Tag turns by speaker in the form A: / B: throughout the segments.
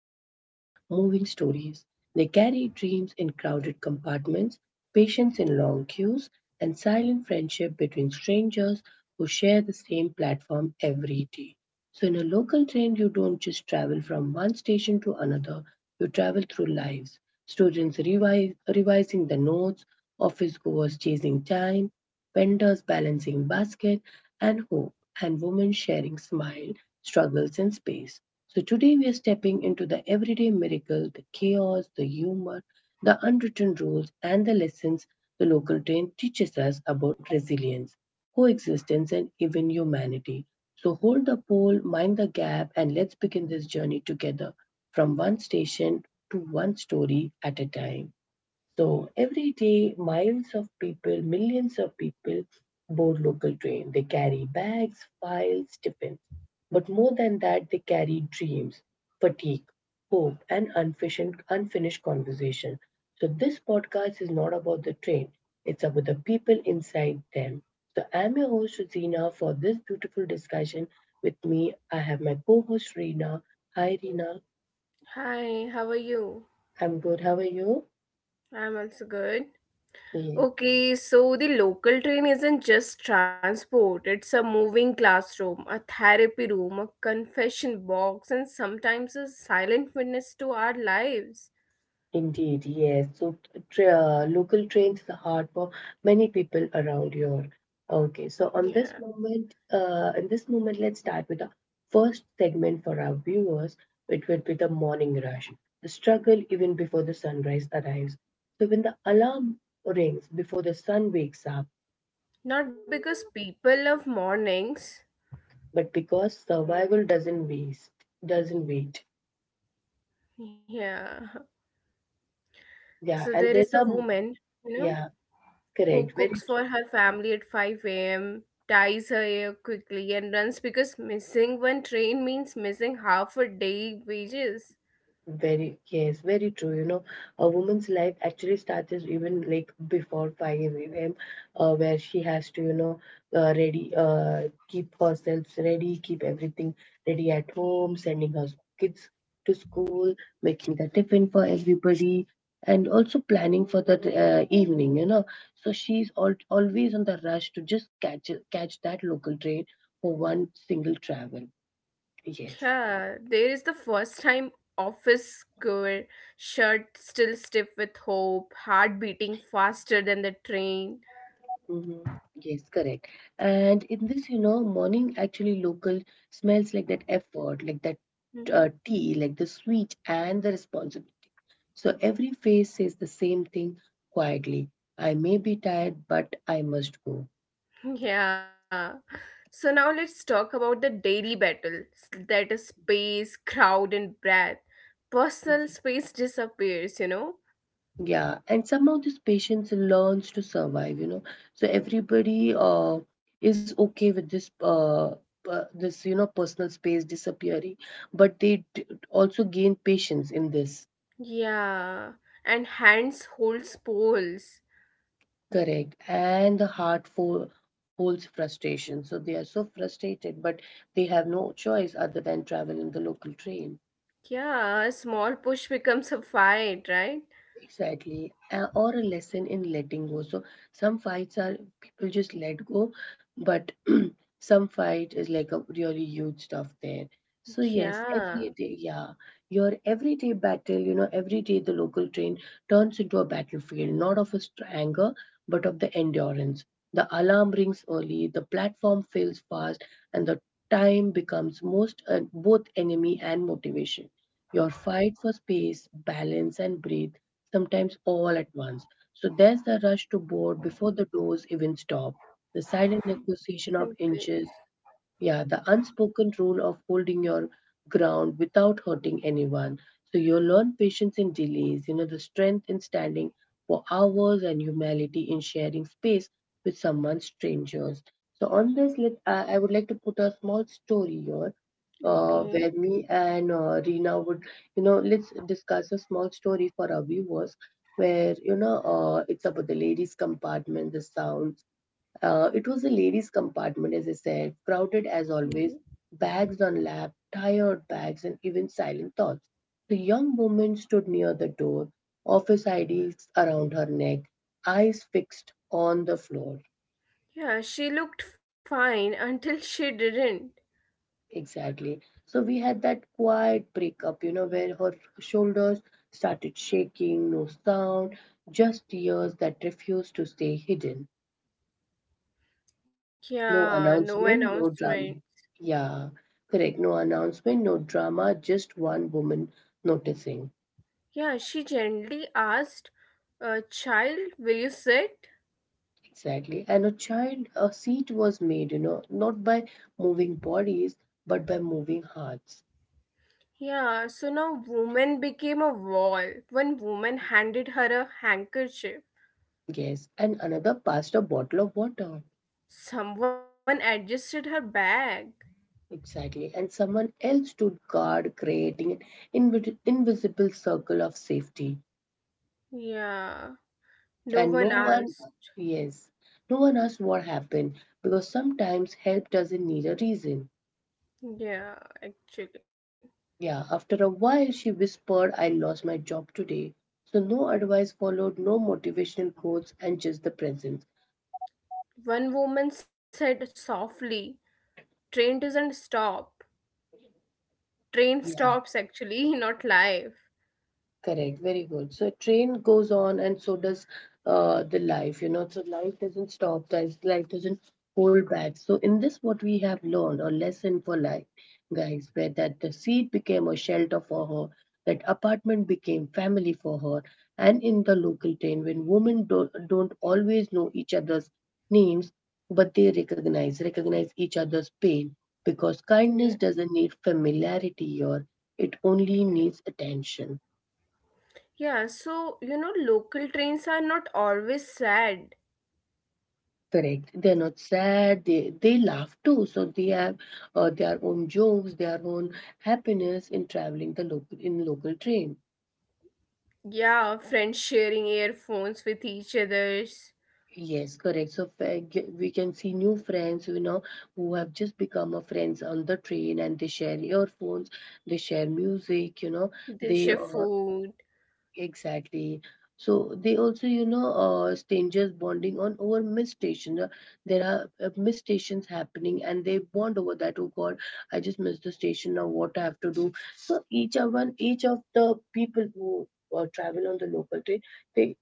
A: they are moving stories. They carry dreams in crowded compartments, patience in long queues, and silent friendship between strangers who share the same platform every day. So, in a local train, you don't just travel from one station to another, you travel through lives. Students revise, revising the notes, office goers chasing time, vendors balancing basket, and hope, and women sharing smile, struggles, and space. So, today we are stepping into the everyday miracle, the chaos, the humor, the unwritten rules, and the lessons the local train teaches us about resilience, coexistence, and even humanity. So hold the pole, mind the gap, and let's begin this journey together from one station to one story at a time. So every day, miles of people, millions of people board local train. They carry bags, files, tiffins. But more than that, they carry dreams, fatigue, hope, and unfinished conversation. So this podcast is not about the train. It's about the people inside them. So I'm your host, Rosina, for this beautiful discussion. With me, I have my co-host, Reena. Hi, Reena.
B: Hi, how are you?
A: I'm good. How are you?
B: I'm also good. Okay, so the local train isn't just transport, it's a moving classroom, a therapy room, a confession box, and sometimes a silent witness to our lives.
A: Indeed, yes. So local trains are hard for many people around here. Okay, so on this
B: Yeah.
A: moment, in this moment, let's start with the first segment for our viewers. It will be the morning rush, the struggle even before the sunrise arrives. So when the alarm rings before the sun wakes up,
B: Not because people love mornings.
A: but because survival doesn't waste, doesn't wait.
B: Yeah. So
A: Yeah,
B: there
A: and
B: is the
A: there's a
B: woman, you know,
A: yeah,
B: who
A: correct.
B: cooks for her family at 5 a.m., ties her hair quickly, and runs because missing one train means missing half a day wages.
A: Yes, very true. You know, a woman's life actually starts as even like before 5 a.m., where she has to, you know, ready, keep herself ready, keep everything ready at home, sending her kids to school, making the tiffin for everybody, and also planning for the evening, you know. So she's al always on the rush to just catch that local train for one single travel. Yes.
B: Yeah, there is the first time office girl, shirt still stiff with hope, heart beating faster than the train.
A: Mhm. Yes, correct. And in this, you know, morning actually local smells like that effort, like that tea, like the sweet and the responsible. So every face says the same thing quietly. I may be tired, but I must go.
B: Yeah. So now let's talk about the daily battle that is space, crowd, and breath. Personal space disappears,
A: Yeah, and somehow this patience learns to survive, you know. So everybody is okay with this this you know personal space disappearing, but they also gain patience in this.
B: Yeah. And hands holds poles.
A: Correct. And the heart holds frustration. So they are so frustrated, but they have no choice other than travel in the local train.
B: Yeah, a small push becomes a fight, right?
A: Exactly. Or a lesson in letting go. So some fights are people just let go, but some fight is like a really huge stuff there. So yes,
B: Yeah.
A: every day, yeah, your everyday battle, you know, every day the local train turns into a battlefield, not of a anger, but of the endurance. The alarm rings early, the platform fills fast, and the time becomes most both enemy and motivation. Your fight for space, balance, and breathe, sometimes all at once. So there's the rush to board before the doors even stop the silent negotiation of
B: Exactly.
A: inches, yeah, the unspoken rule of holding your ground without hurting anyone. So you learn patience in delays, you know, the strength in standing for hours and humility in sharing space with someone strangers. So on this, let I would like to put a small story here.
B: Okay.
A: Where me and Rina would, you know, let's discuss a small story for our viewers where, you know, it's about the ladies' compartment, the sound it was the ladies' compartment, as I said, crowded as always,
B: hmm
A: bags on lap, tired bags, and even silent thoughts. The young woman stood near the door, office IDs around her neck, eyes fixed on the floor.
B: Yeah, she looked fine until she didn't.
A: Exactly. So we had that quiet breakup, you know, where her shoulders started shaking, no sound, just tears that refused to stay hidden. No
B: Yeah, no
A: announcement, no
B: announcement.
A: drama. Yeah, correct. No announcement, no drama, just one woman noticing.
B: Yeah, she gently asked, Child, will you sit?
A: Exactly. And a child, a seat was made, you know, not by moving bodies, but by moving hearts.
B: Yeah, so now woman became a wall. One woman handed her a handkerchief.
A: Yes. And another passed a bottle of water.
B: Someone adjusted her bag.
A: Exactly. And someone else stood guard, creating an invisible circle of safety.
B: Yeah, no
A: And no
B: one
A: one,
B: asked.
A: yes, no one asked what happened because sometimes help doesn't need a reason.
B: Yeah, actually.
A: Yeah, after a while, she whispered, I lost my job today. So, no advice followed, no motivational quotes, and just the presence.
B: One woman said softly, train doesn't stop. Train stops actually, not life.
A: Correct, very good. So a train goes on and so does the life, you know. So life doesn't stop, guys. Life doesn't hold back. So in this, what we have learned or lesson for life, guys, where that the seat became a shelter for her, that apartment became family for her, and in the local train, when women don't always know each other's names, but they recognize each other's pain because
B: Yeah.
A: kindness doesn't need familiarity or it only needs attention.
B: Yeah, so local trains are not always sad.
A: Correct. They're not sad. They laugh too. So they have their own jokes, their own happiness in traveling the local in local train.
B: Yeah, friends sharing earphones with each others.
A: Yes, correct. So we can see new friends, you know, who have just become a friends on the train, and they share earphones, they share music, you know,
B: They
A: they
B: share food.
A: Exactly. So they also, you know, strangers bonding on over miss station. There are miss stations happening, and they bond over that. Oh God, I just missed the station. Now what I have to do? So each of the people who travel on the local train, they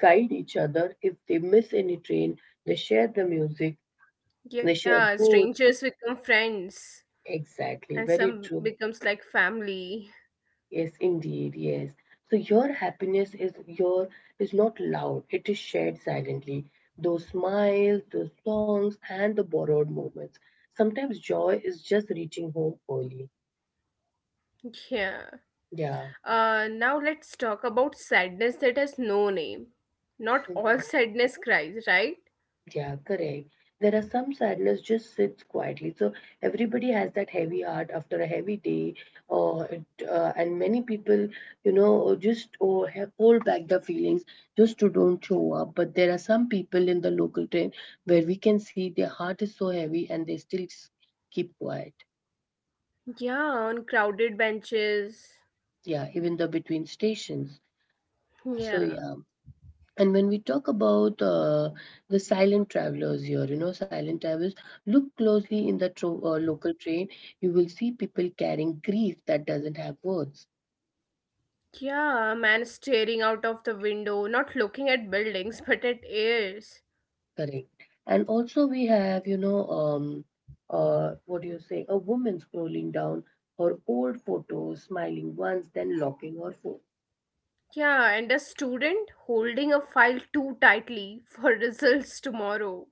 A: guide each other. If they miss any train, they share the music, they share
B: Yeah,
A: foods.
B: strangers become friends
A: Exactly.
B: and
A: Very
B: some
A: true.
B: becomes like family.
A: Yes, indeed, yes. So your happiness is your is not loud, it is shared silently. Those smiles, those songs, and the borrowed moments. Sometimes joy is just reaching home early.
B: Yeah.
A: Yeah.
B: Now let's talk about sadness that has no name. Not all
A: Mhm.
B: sadness cries, right?
A: Yeah, correct. There are some sadness just sits quietly. So everybody has that heavy heart after a heavy day, or it, and many people, you know, just or have hold back the feelings just to don't show up. But there are some people in the local train where we can see their heart is so heavy and they still keep quiet.
B: Yeah, on crowded benches.
A: Yeah, even the between stations. So
B: Yeah.
A: yeah, and when we talk about the silent travelers here, you know, silent travelers, look closely in the local train. You will see people carrying grief that doesn't have words.
B: Yeah, a man staring out of the window, not looking at buildings but at airs.
A: Correct. And also, we have, you know, what do you say? A woman scrolling down her old photos, smiling once, then locking her phone.
B: Yeah, and a student holding a file too tightly for results tomorrow.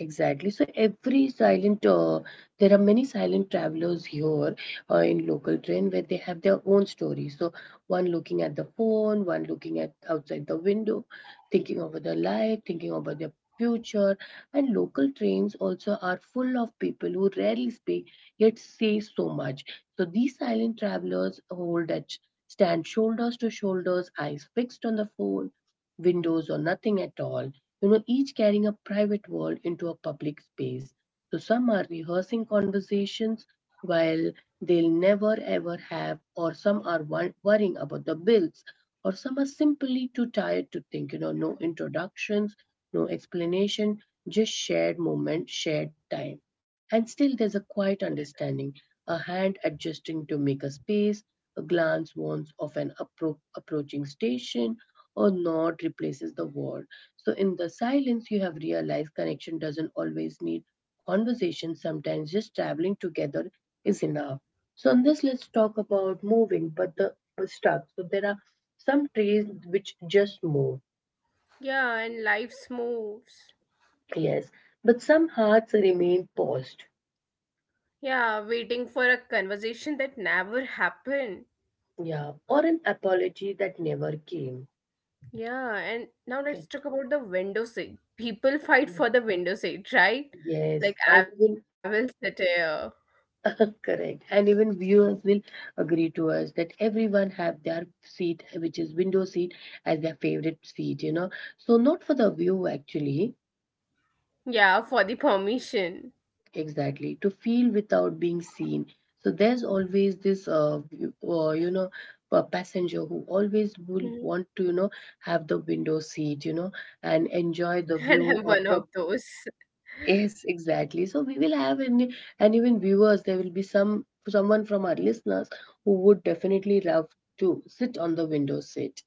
A: Exactly. So every silent, there are many silent travelers here in local train where they have their own story. So one looking at the phone, one looking at outside the window, thinking over their life, thinking about their future. And local trains also are full of people who rarely speak yet say so much. So these silent travelers hold that stand shoulders to shoulders, eyes fixed on the phone, windows or nothing at all, you know, each carrying a private world into a public space. So some are rehearsing conversations while they'll never ever have, or some are worrying about the bills, or some are simply too tired to think, you know, no introductions, no explanation, just shared moment, shared time. And still there's a quiet understanding, a hand adjusting to make a space, a glance warns of an approaching station, or nod replaces the word so, in the silence, you have realized connection doesn't always need conversation. Sometimes just traveling together is enough. So, on this, let's talk about moving, but the but stuck. So, there are some trees which just move,
B: Yeah, and life's moves.
A: yes, but some hearts remain paused,
B: Yeah, waiting for a conversation that never happened.
A: yeah, or an apology that never came.
B: Yeah, and now let's
A: Okay.
B: talk about the window seat. People fight for the window seat, right?
A: Yes,
B: Like I
A: and
B: will
A: you
B: sit here.
A: correct. And even viewers will agree to us that everyone have their seat, which is window seat, as their favorite seat, you know. So not for the view actually,
B: Yeah, for the permission.
A: exactly, to feel without being seen. So there's always this, you know, a passenger who always
B: Mhm.
A: will want to, you know, have the window seat, you know, and enjoy the
B: And
A: view
B: I'm
A: or
B: one of
A: prob
B: those.
A: Yes, exactly. So we will have an, and even viewers, there will be someone from our listeners who would definitely love to sit on the window seat.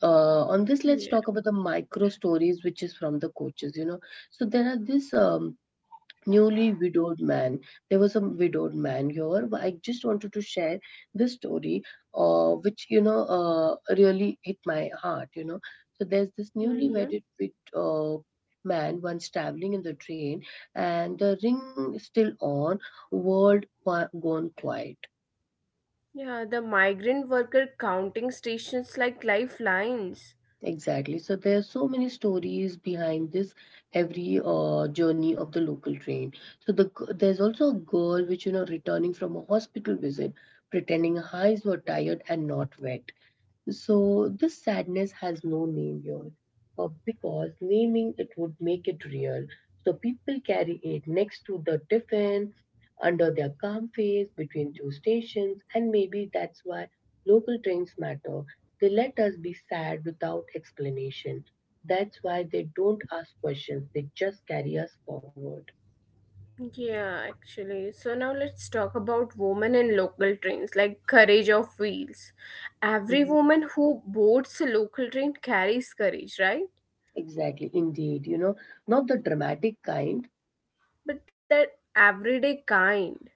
A: On this, let's
B: Yeah.
A: talk about the micro stories, which is from the coaches. You know, so there are this newly widowed man. There was a widowed man here, but I just wanted to share this story, which you know really hit my heart. You know, so there's this
B: hmm
A: man once traveling in the train, and the ring still on, gone quiet.
B: Yeah, the migrant worker counting stations like lifelines.
A: Exactly. So there are so many stories behind this every journey of the local train. So there's also a girl which, you know, returning from a hospital visit, pretending her eyes were tired and not wet. So this sadness has no name here, because naming it would make it real. So people carry it next to the tiffin, under their calm face, between two stations, and maybe that's why local trains matter. They let us be sad without explanation. That's why they don't ask questions. They just carry us forward.
B: Yeah, actually. So now let's talk about women in local trains, like courage of wheels. Every
A: Mhm.
B: woman who boards a local train carries courage, right?
A: Exactly, indeed. You know, not the dramatic kind.
B: But that everyday kind.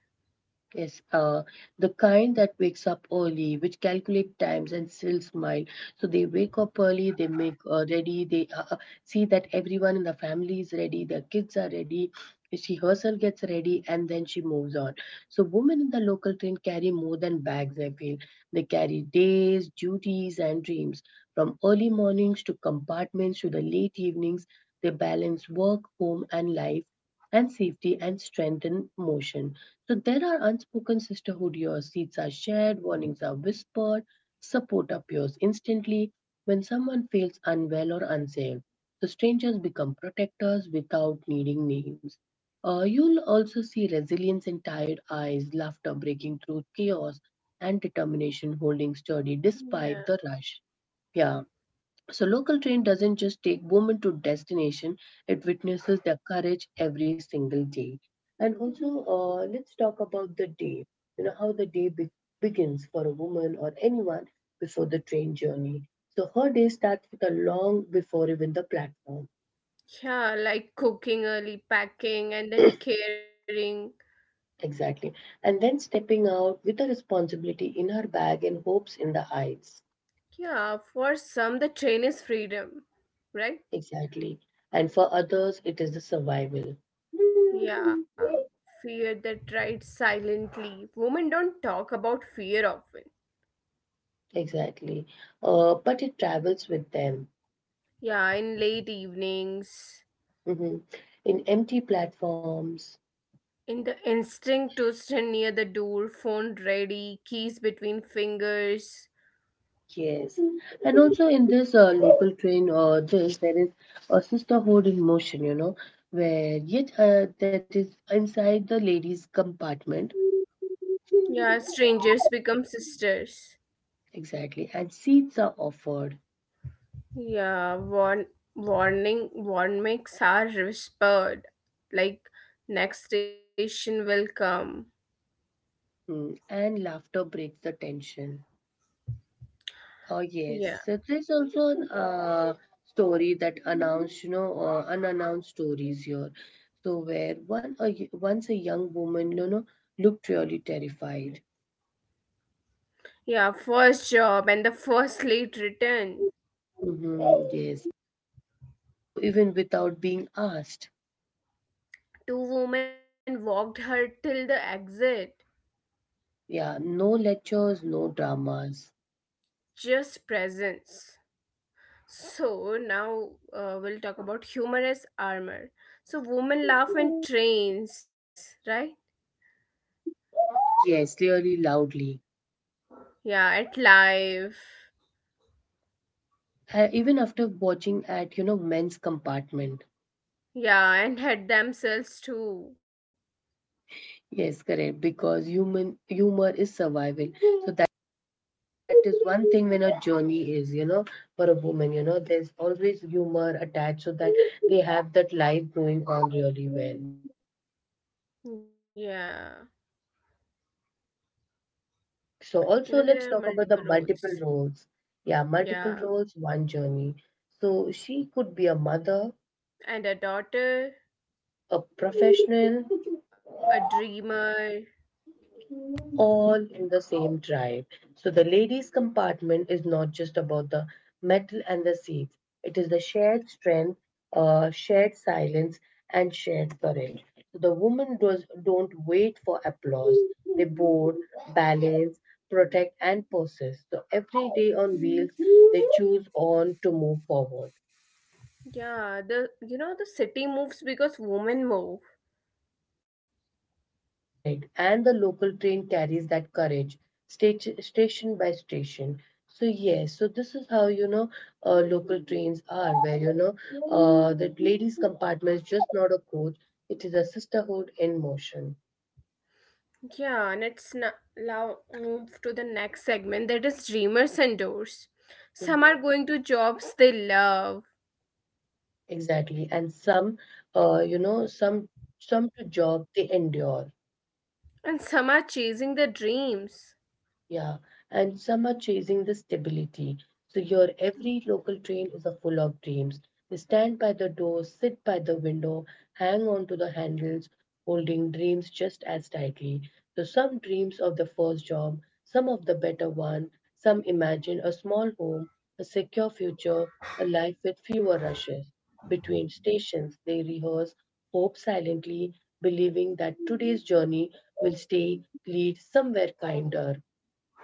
A: Yes, uh, the kind that wakes up early, which calculate times and still smile. So they wake up early, they make ready, they see that everyone in the family is ready, the kids are ready, she herself gets ready, and then she moves on. So women in the local train carry more than bags, I feel. They carry days, duties, and dreams. From early mornings to compartments to the late evenings, they balance work, home, and life, and safety and strength in motion. So there are unspoken sisterhood years. Seats are shared, warnings are whispered, support appears instantly. When someone feels unwell or unsafe, the strangers become protectors without needing names. You'll also see resilience in tired eyes, laughter breaking through chaos, and determination holding sturdy
B: Yeah.
A: despite the rush. Yeah. So local train doesn't just take women to destination, it witnesses their courage every single day. And also, let's talk about the day, you know, how begins for a woman or anyone before the train journey. So her day starts with a long before even the platform.
B: Yeah, like cooking early, packing, and then caring.
A: Exactly. And then stepping out with a responsibility in her bag and hopes in the heights.
B: Yeah, for some, the train is freedom, right?
A: Exactly. And for others, it is the survival.
B: Yeah, fear that rides silently. Women don't talk about fear often.
A: Exactly. But it travels with them.
B: Yeah, in late evenings.
A: Mhm. In empty platforms.
B: In the instinct to stand near the door, phone ready, keys between fingers.
A: Yes. And also in this local train, there is a sisterhood in motion, you know, where yet that is inside the ladies' compartment.
B: Yeah, strangers become sisters.
A: Exactly. And seats are offered,
B: Yeah, warnings are whispered, like next station will come.
A: mm, and laughter breaks the tension. Oh,
B: Yeah,
A: yes. So there's also an story that announced, you know, unannounced stories here. So where once a young woman, you know, looked really terrified.
B: yeah, first job and the first late return.
A: Mhm, yes. So even without being asked,
B: Two women walked her till the exit.
A: yeah, no lectures, no dramas.
B: Just presence. So now we'll talk about humorous armor. So women laugh when trains, right?
A: Yes, clearly loudly.
B: Yeah, at life.
A: Even after watching at, you know, men's compartment.
B: Yeah, and at themselves too.
A: Yes, correct. Because human humor is survival. So that is one thing, when a journey is, you know, for a woman, you know, there's always humor attached, so that they have that life going on really well.
B: Yeah.
A: So
B: You know,
A: also
B: there are
A: let's talk about
B: multiple
A: the multiple
B: roles.
A: roles. Yeah, multiple
B: Yeah.
A: roles, one journey. So she could be a mother,
B: And a daughter,
A: a professional,
B: a dreamer.
A: all in the same drive. So the ladies' compartment is not just about the metal and the seats, it is the shared strength, shared silence, and shared courage. So the don't wait for applause, they board, balance, protect, and possess. So every day on wheels, they choose on to move forward.
B: Yeah, the the city moves because women move.
A: Correct. And the local train carries that courage stage, station by station. So, yes, so this is how, you know, local trains are, where, you know, the ladies' compartment is just not a coach, it is a sisterhood in motion.
B: Yeah, and it's now move to the next segment that is dreamers and doors. Some
A: Mhm.
B: are going to jobs they love,
A: Exactly. And some, you know, some to job they endure.
B: and some are chasing their dreams
A: Yeah, and some are chasing the stability. So your every local train is a full of dreams. They stand by the door, sit by the window, hang on to the handles, holding dreams just as tightly. So some dreams of the first job, some of the better one, some imagine a small home, a secure future, a life with fewer rushes. Between stations, they rehearse hope silently, believing that today's journey will stay lead somewhere kinder.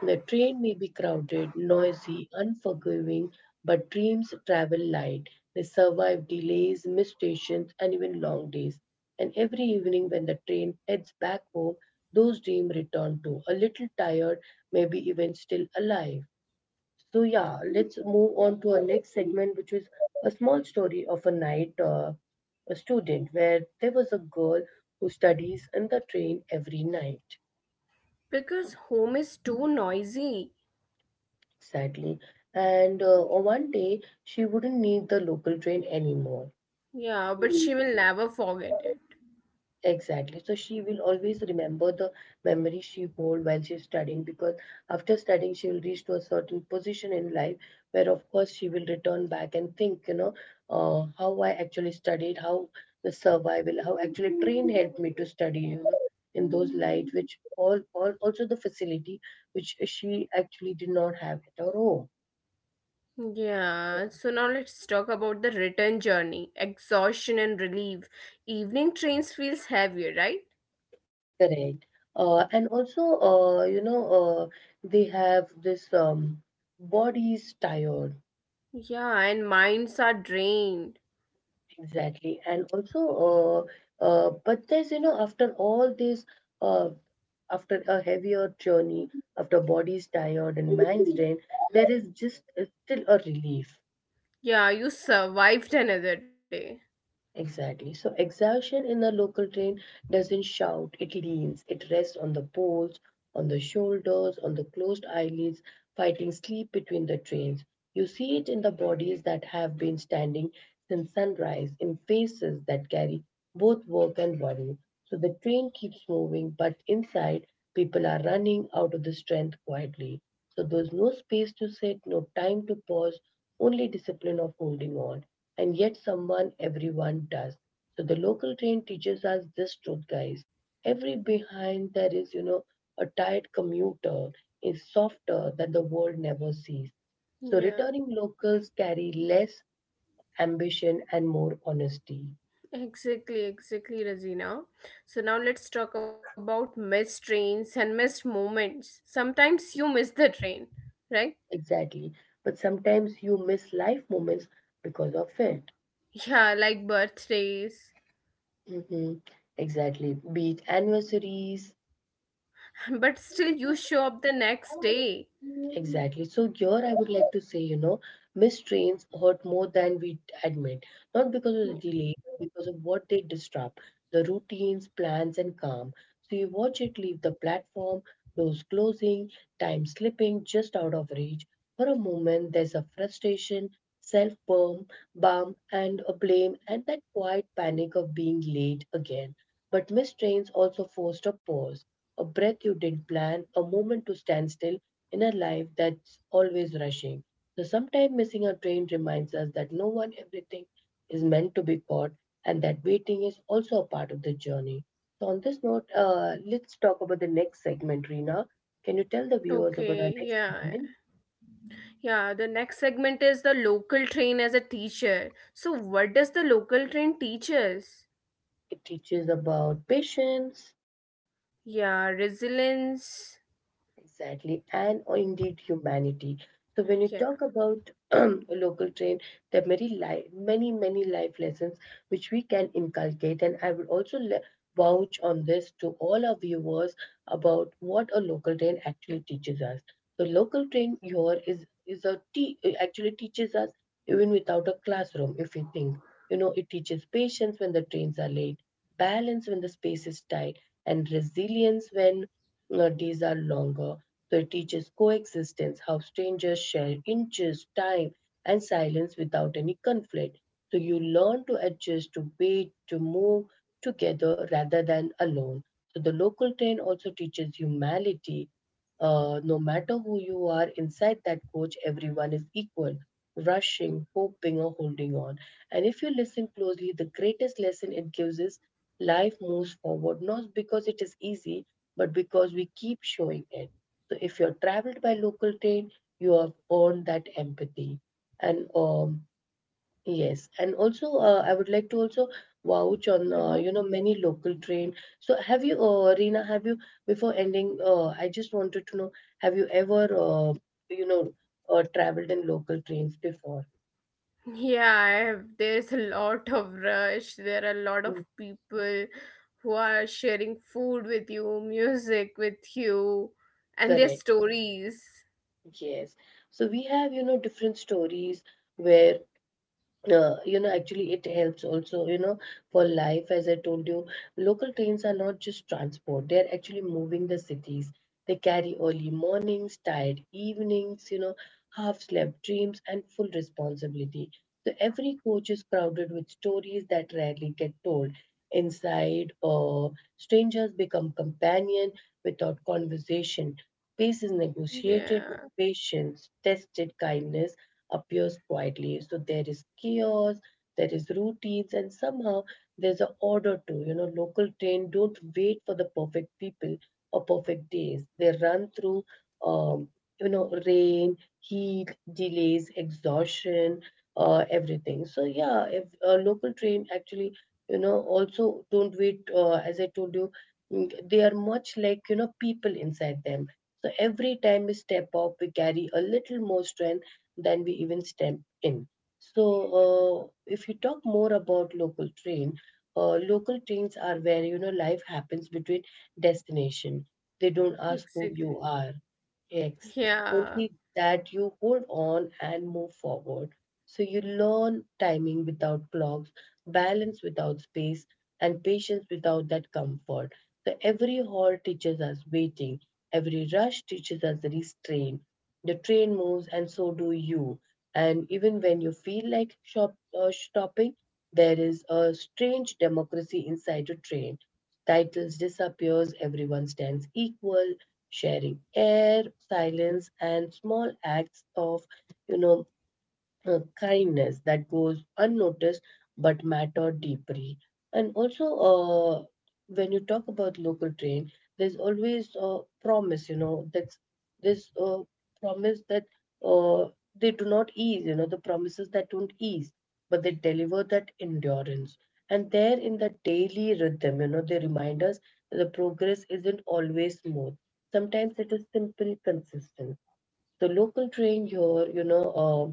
A: The train may be crowded, noisy, unforgiving, but dreams travel light. They survive delays, missed stations, and even long days. And every evening, when the train heads back home, those dreams return to a little tired, maybe even still alive. So, yeah, let's move on to our next segment, which is a small story of a student where there was a girl who studies in the train every night.
B: because home is too noisy.
A: Exactly. And on one day, she wouldn't need the local train anymore.
B: Yeah, but she will never forget it.
A: Exactly. So she will always remember the memory she hold while she's studying, because after studying she will reach to a certain position in life where of course she will return back and think, you know, how I actually studied, how the survival, how actually train helped me to study, you know, in those light, which all also the facility which she actually did not have at her home.
B: Yeah, so now let's talk about the return journey, exhaustion and relief. Evening trains feels heavier, right?
A: Correct. You know, they have this body's tired,
B: Yeah, and minds are drained.
A: exactly. And also, but there's, you know, after all this, uh, after a heavier journey, after body's tired and mind's drained, there is just still a relief.
B: Yeah, you survived another day.
A: Exactly. So exhaustion in the local train doesn't shout, it leans, it rests on the poles, on the shoulders, on the closed eyelids, fighting sleep between the trains. You see it in the bodies that have been standing since sunrise, in faces that carry both work and worry. So the train keeps moving, but inside, people are running out of the strength quietly. So there's no space to sit, no time to pause, only discipline of holding on. And yet, someone, everyone does. So the local train teaches us this truth, guys. Every behind there is, you know, a tired commuter is softer than the world never sees. So
B: Yeah.
A: returning locals carry less ambition and more honesty.
B: Exactly, exactly, Razina. So now let's talk about missed trains and missed moments. Sometimes you miss the train, right?
A: Exactly. But sometimes you miss life moments because of it.
B: Yeah, like birthdays,
A: Hmm. Exactly. Be it anniversaries,
B: but still you show up the next day.
A: exactly. So here I would like to say, you know, missed trains hurt more than we admit, not because of the delay, but because of what they disrupt, the routines, plans, and calm. So you watch it leave the platform, doors closing, time slipping just out of reach. For a moment, there's a frustration, self-burm, bum, and a blame, and that quiet panic of being late again. But missed trains also forced a pause, a breath you didn't plan, a moment to stand still in a life that's always rushing. So sometimes missing a train reminds us that no one everything is meant to be caught and that waiting is also a part of the journey. So on this note, let's talk about the next segment, Rina. Can you tell the viewers
B: Okay,
A: about our next
B: yeah,
A: segment?
B: yeah. The next segment is the local train as a teacher. So, what does the local train teach us?
A: It teaches about patience.
B: Yeah, resilience.
A: Exactly, and oh, indeed humanity. So when you talk
B: Yeah.
A: about a local train, there are many, many life lessons which we can inculcate, and I would also vouch on this to all our viewers about what a local train actually teaches us. The local train here is a it actually teaches us even without a classroom. If we think, you know, it teaches patience when the trains are late, balance when the space is tight, and resilience when days are longer, so it teaches coexistence, how strangers share inches, time, and silence without any conflict. So you learn to adjust, to wait, to move together rather than alone. So the local train also teaches humility, no matter who you are inside that coach, everyone is equal, rushing, hoping, or holding on. And if you listen closely, the greatest lesson it gives is life moves forward, not because it is easy, but because we keep showing it. So if you're traveled by local train, you have earned that empathy. And yes, and also I would like to also vouch on,
B: Mm-hmm.
A: you know, many local train. So have you, Reena, have you, before ending? I just wanted to know, have you ever you know, traveled in local trains before?
B: Yeah, I have, there's a lot of rush. There are a lot of
A: Mm,
B: people who are sharing food with you, music with you, and their
A: correct. Correct.
B: stories.
A: Yes. So we have, you know, different stories where, you know, actually it helps also, you know, for life. As I told you, local trains are not just transport, they're actually moving the cities. They carry early mornings, tired evenings, you know, half slept dreams and full responsibility. So every coach is crowded with stories that rarely get told inside. Or strangers become companion without conversation, space is negotiated with
B: Yeah,
A: patience, tested kindness appears quietly. So there is chaos, there is routines, and somehow there's an order too. You know, local train don't wait for the perfect people or perfect days. They run through, um, you know, rain, heat, delays, exhaustion, everything. So yeah, if a local train actually, you know, also don't wait. As I told you, they are much like people inside them. So every time we step up, we carry a little more strength than we even step in. So, if you talk more about local train, local trains are where life happens between destination. They don't ask who you
B: exactly.
A: are. X
B: Yeah,
A: only that you hold on and move forward. So you learn timing without clocks, balance without space, and patience without that comfort. So every halt teaches us waiting, every rush teaches us restraint. The train moves, and so do you. And even when you feel like stopping, there is a strange democracy inside a train. Titles disappears, everyone stands equal, sharing air, silence, and small acts of, you know, kindness that goes unnoticed but matter deeply. And also, uh, when you talk about local train, there's always a promise, that's this promise that uh, they do not ease, the promises that don't ease, but they deliver that endurance. And there in the daily rhythm, they remind us that the progress isn't always smooth. Sometimes it is simple, consistent the local train here,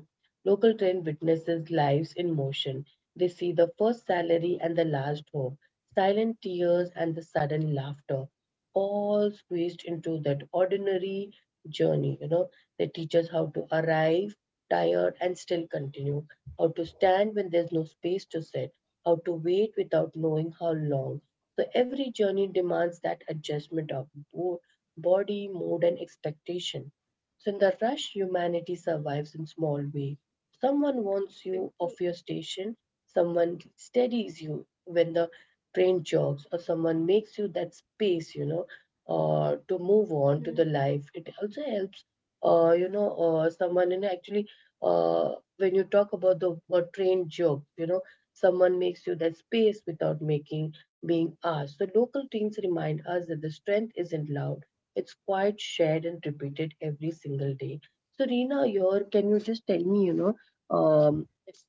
A: local train witnesses lives in motion. They see the first salary and the last hope, silent tears and the sudden laughter, all squeezed into that ordinary journey. They teach us how to arrive tired and still continue, how to stand when there's no space to sit, how to wait without knowing how long. So every journey demands that adjustment of bo- body, mood, and expectation. So in the rush, humanity survives in small way. Someone warns you
B: exactly.
A: of your station, someone steadies you when the train jogs, or someone makes you that space, to move on to the life. It also helps, someone and actually, when you talk about the train jog, someone makes you that space without making being asked. So local trains remind us that the strength isn't loud it's quite shared and repeated every single day. So, Reena, your can you just tell me, um,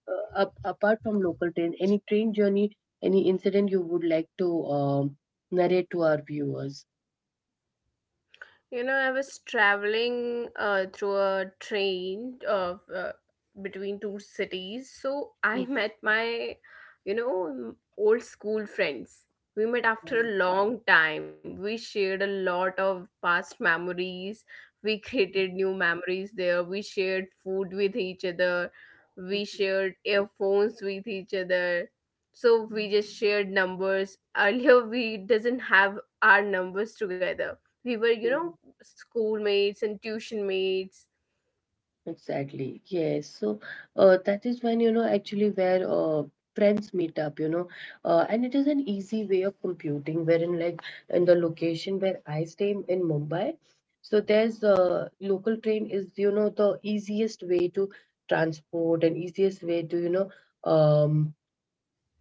A: apart from local train, any train journey, any incident you would like to narrate to our viewers?
B: I was traveling through a train of between two cities, so I met my, old school friends. We met after a long time. We shared a lot of past memories. We created new memories there. We shared food with each other. We shared earphones with each other. So we just shared numbers. Earlier, we doesn't have our numbers together we were schoolmates and tuition mates.
A: Exactly. Yes. So that is when, actually where friends meet up, and it is an easy way of computing, wherein, like, in the location where I stay in Mumbai, so there's local train is, the easiest way to transport and easiest way to, um,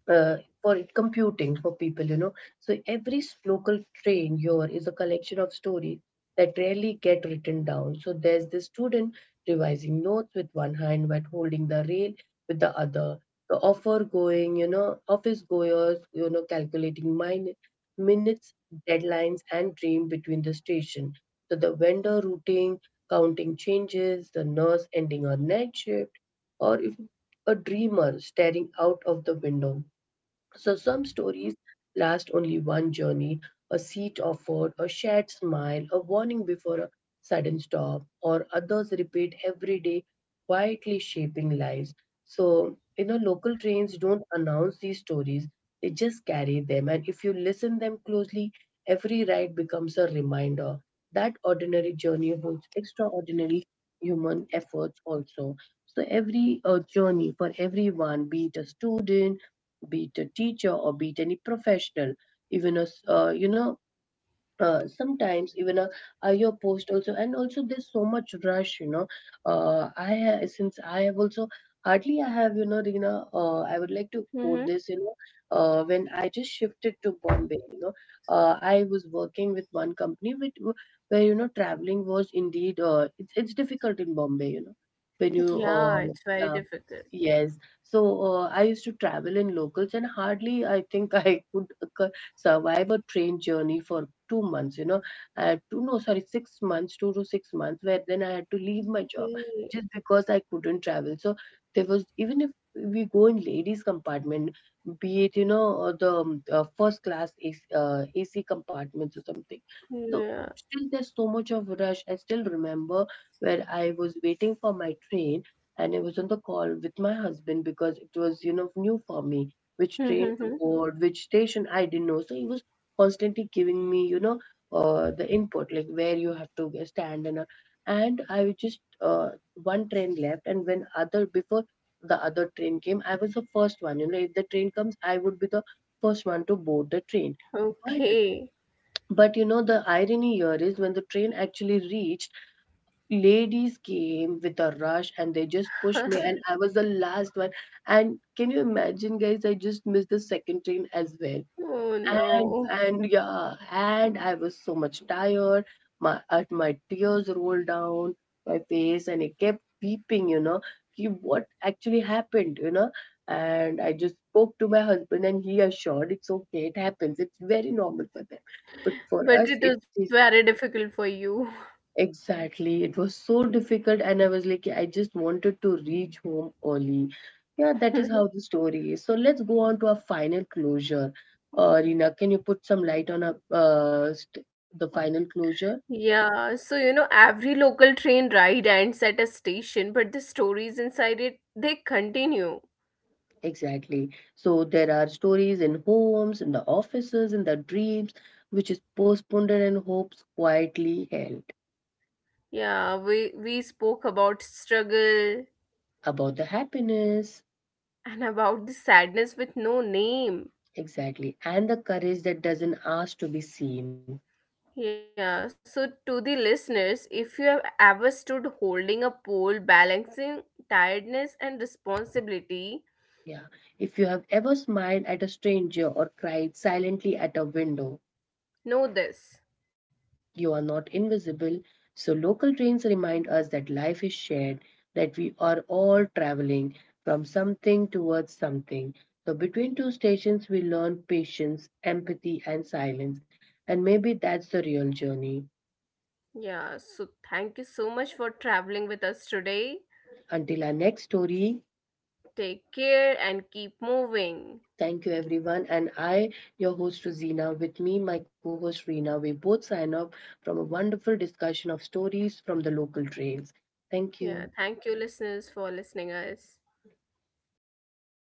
A: for computing for people, you know. So every local train here is a collection of stories that rarely get written down. So there's the student revising notes with one hand but holding the rail with the other. The offer going, you know, office goers, calculating minutes, deadlines, and dream between the station. So the vendor routing, counting changes, the nurse ending her night shift, or if a dreamer staring out of the window so some stories last only one journey, a seat offered, a shared smile, a warning before a sudden stop, or others repeat every day, quietly shaping lives. So, local trains don't announce these stories, they just carry them. And if you listen them closely, every ride becomes a reminder that ordinary journey holds extraordinary human efforts also. So every journey for everyone, be it a student, be it a teacher or be it any professional, even a sometimes even a your post also and also there's so much rush since I have also hardly I have, Rina, I would like to quote
B: Mm-hmm.
A: this. When I just shifted to Bombay, I was working with one company with where you know traveling was indeed it's difficult in Bombay, you know, when you
B: Yeah, it's very
A: yeah.
B: difficult.
A: Yes. So I used to travel in locals and hardly I think I could survive a train journey for 2 months, you know. I had to, no, sorry, 6 months, 2 to 6 months, where then I had to leave my job
B: Hey,
A: just because I couldn't travel. So there was, even if we go in ladies' compartment, be it, you know, or the first class AC, AC compartments or something. So
B: yeah.
A: still there's so much of rush. I still remember where I was waiting for my train and I was on the call with my husband because it was, new for me which train to
B: Mm-hmm.
A: board, which station I didn't know. So he was constantly giving me, the input like where you have to stand and all. And I was just one train left, and when other before the other train came, I was the first one. You know, if the train comes, I would be the first one to board the train. But
B: Okay.
A: but you know the irony here is when the train actually reached ladies came with a rush and they just pushed me and I was the last one. And can you imagine guys, I just missed the second train as well.
B: Oh
A: and
B: no.
A: and yeah, and I was so much tired. My tears rolled down my face and I kept weeping, you know, ki what actually happened, you know. And I just spoke to my husband and he assured it's okay, it happens, it's very normal for them, but for us it
B: But it
A: is.
B: was very difficult for you.
A: Exactly. It was so difficult, and I was like, I just wanted to reach home early. Yeah, that is how the story is. So let's go on to our final closure. Reena, can you put some light on a, st the final closure?
B: Yeah, so every local train ride ends at a station, but the stories inside it, they continue.
A: Exactly. So there are stories in homes, in the offices, in the dreams, which is postponed and hopes quietly held.
B: Yeah, we spoke about struggle
A: About the happiness,
B: and about the sadness with no name.
A: exactly, and the courage that doesn't ask to be seen.
B: Yeah, so to the listeners, if you have ever stood holding a pole, balancing tiredness and responsibility,
A: Yeah. If you have ever smiled at a stranger or cried silently at a window,
B: know this.
A: you are not invisible. So, local trains remind us that life is shared, that we are all traveling from something towards something. So, between two stations, we learn patience, empathy, and silence. And maybe that's the real journey.
B: Yeah, so thank you so much for traveling with us today.
A: Until our next story,
B: Take care and keep moving.
A: thank you, everyone. And I, your host Rosina, with me, my co host Reena, we both sign off from a wonderful discussion of stories from the local trails. Thank
B: Yeah,
A: you.
B: thank you listeners for listening us.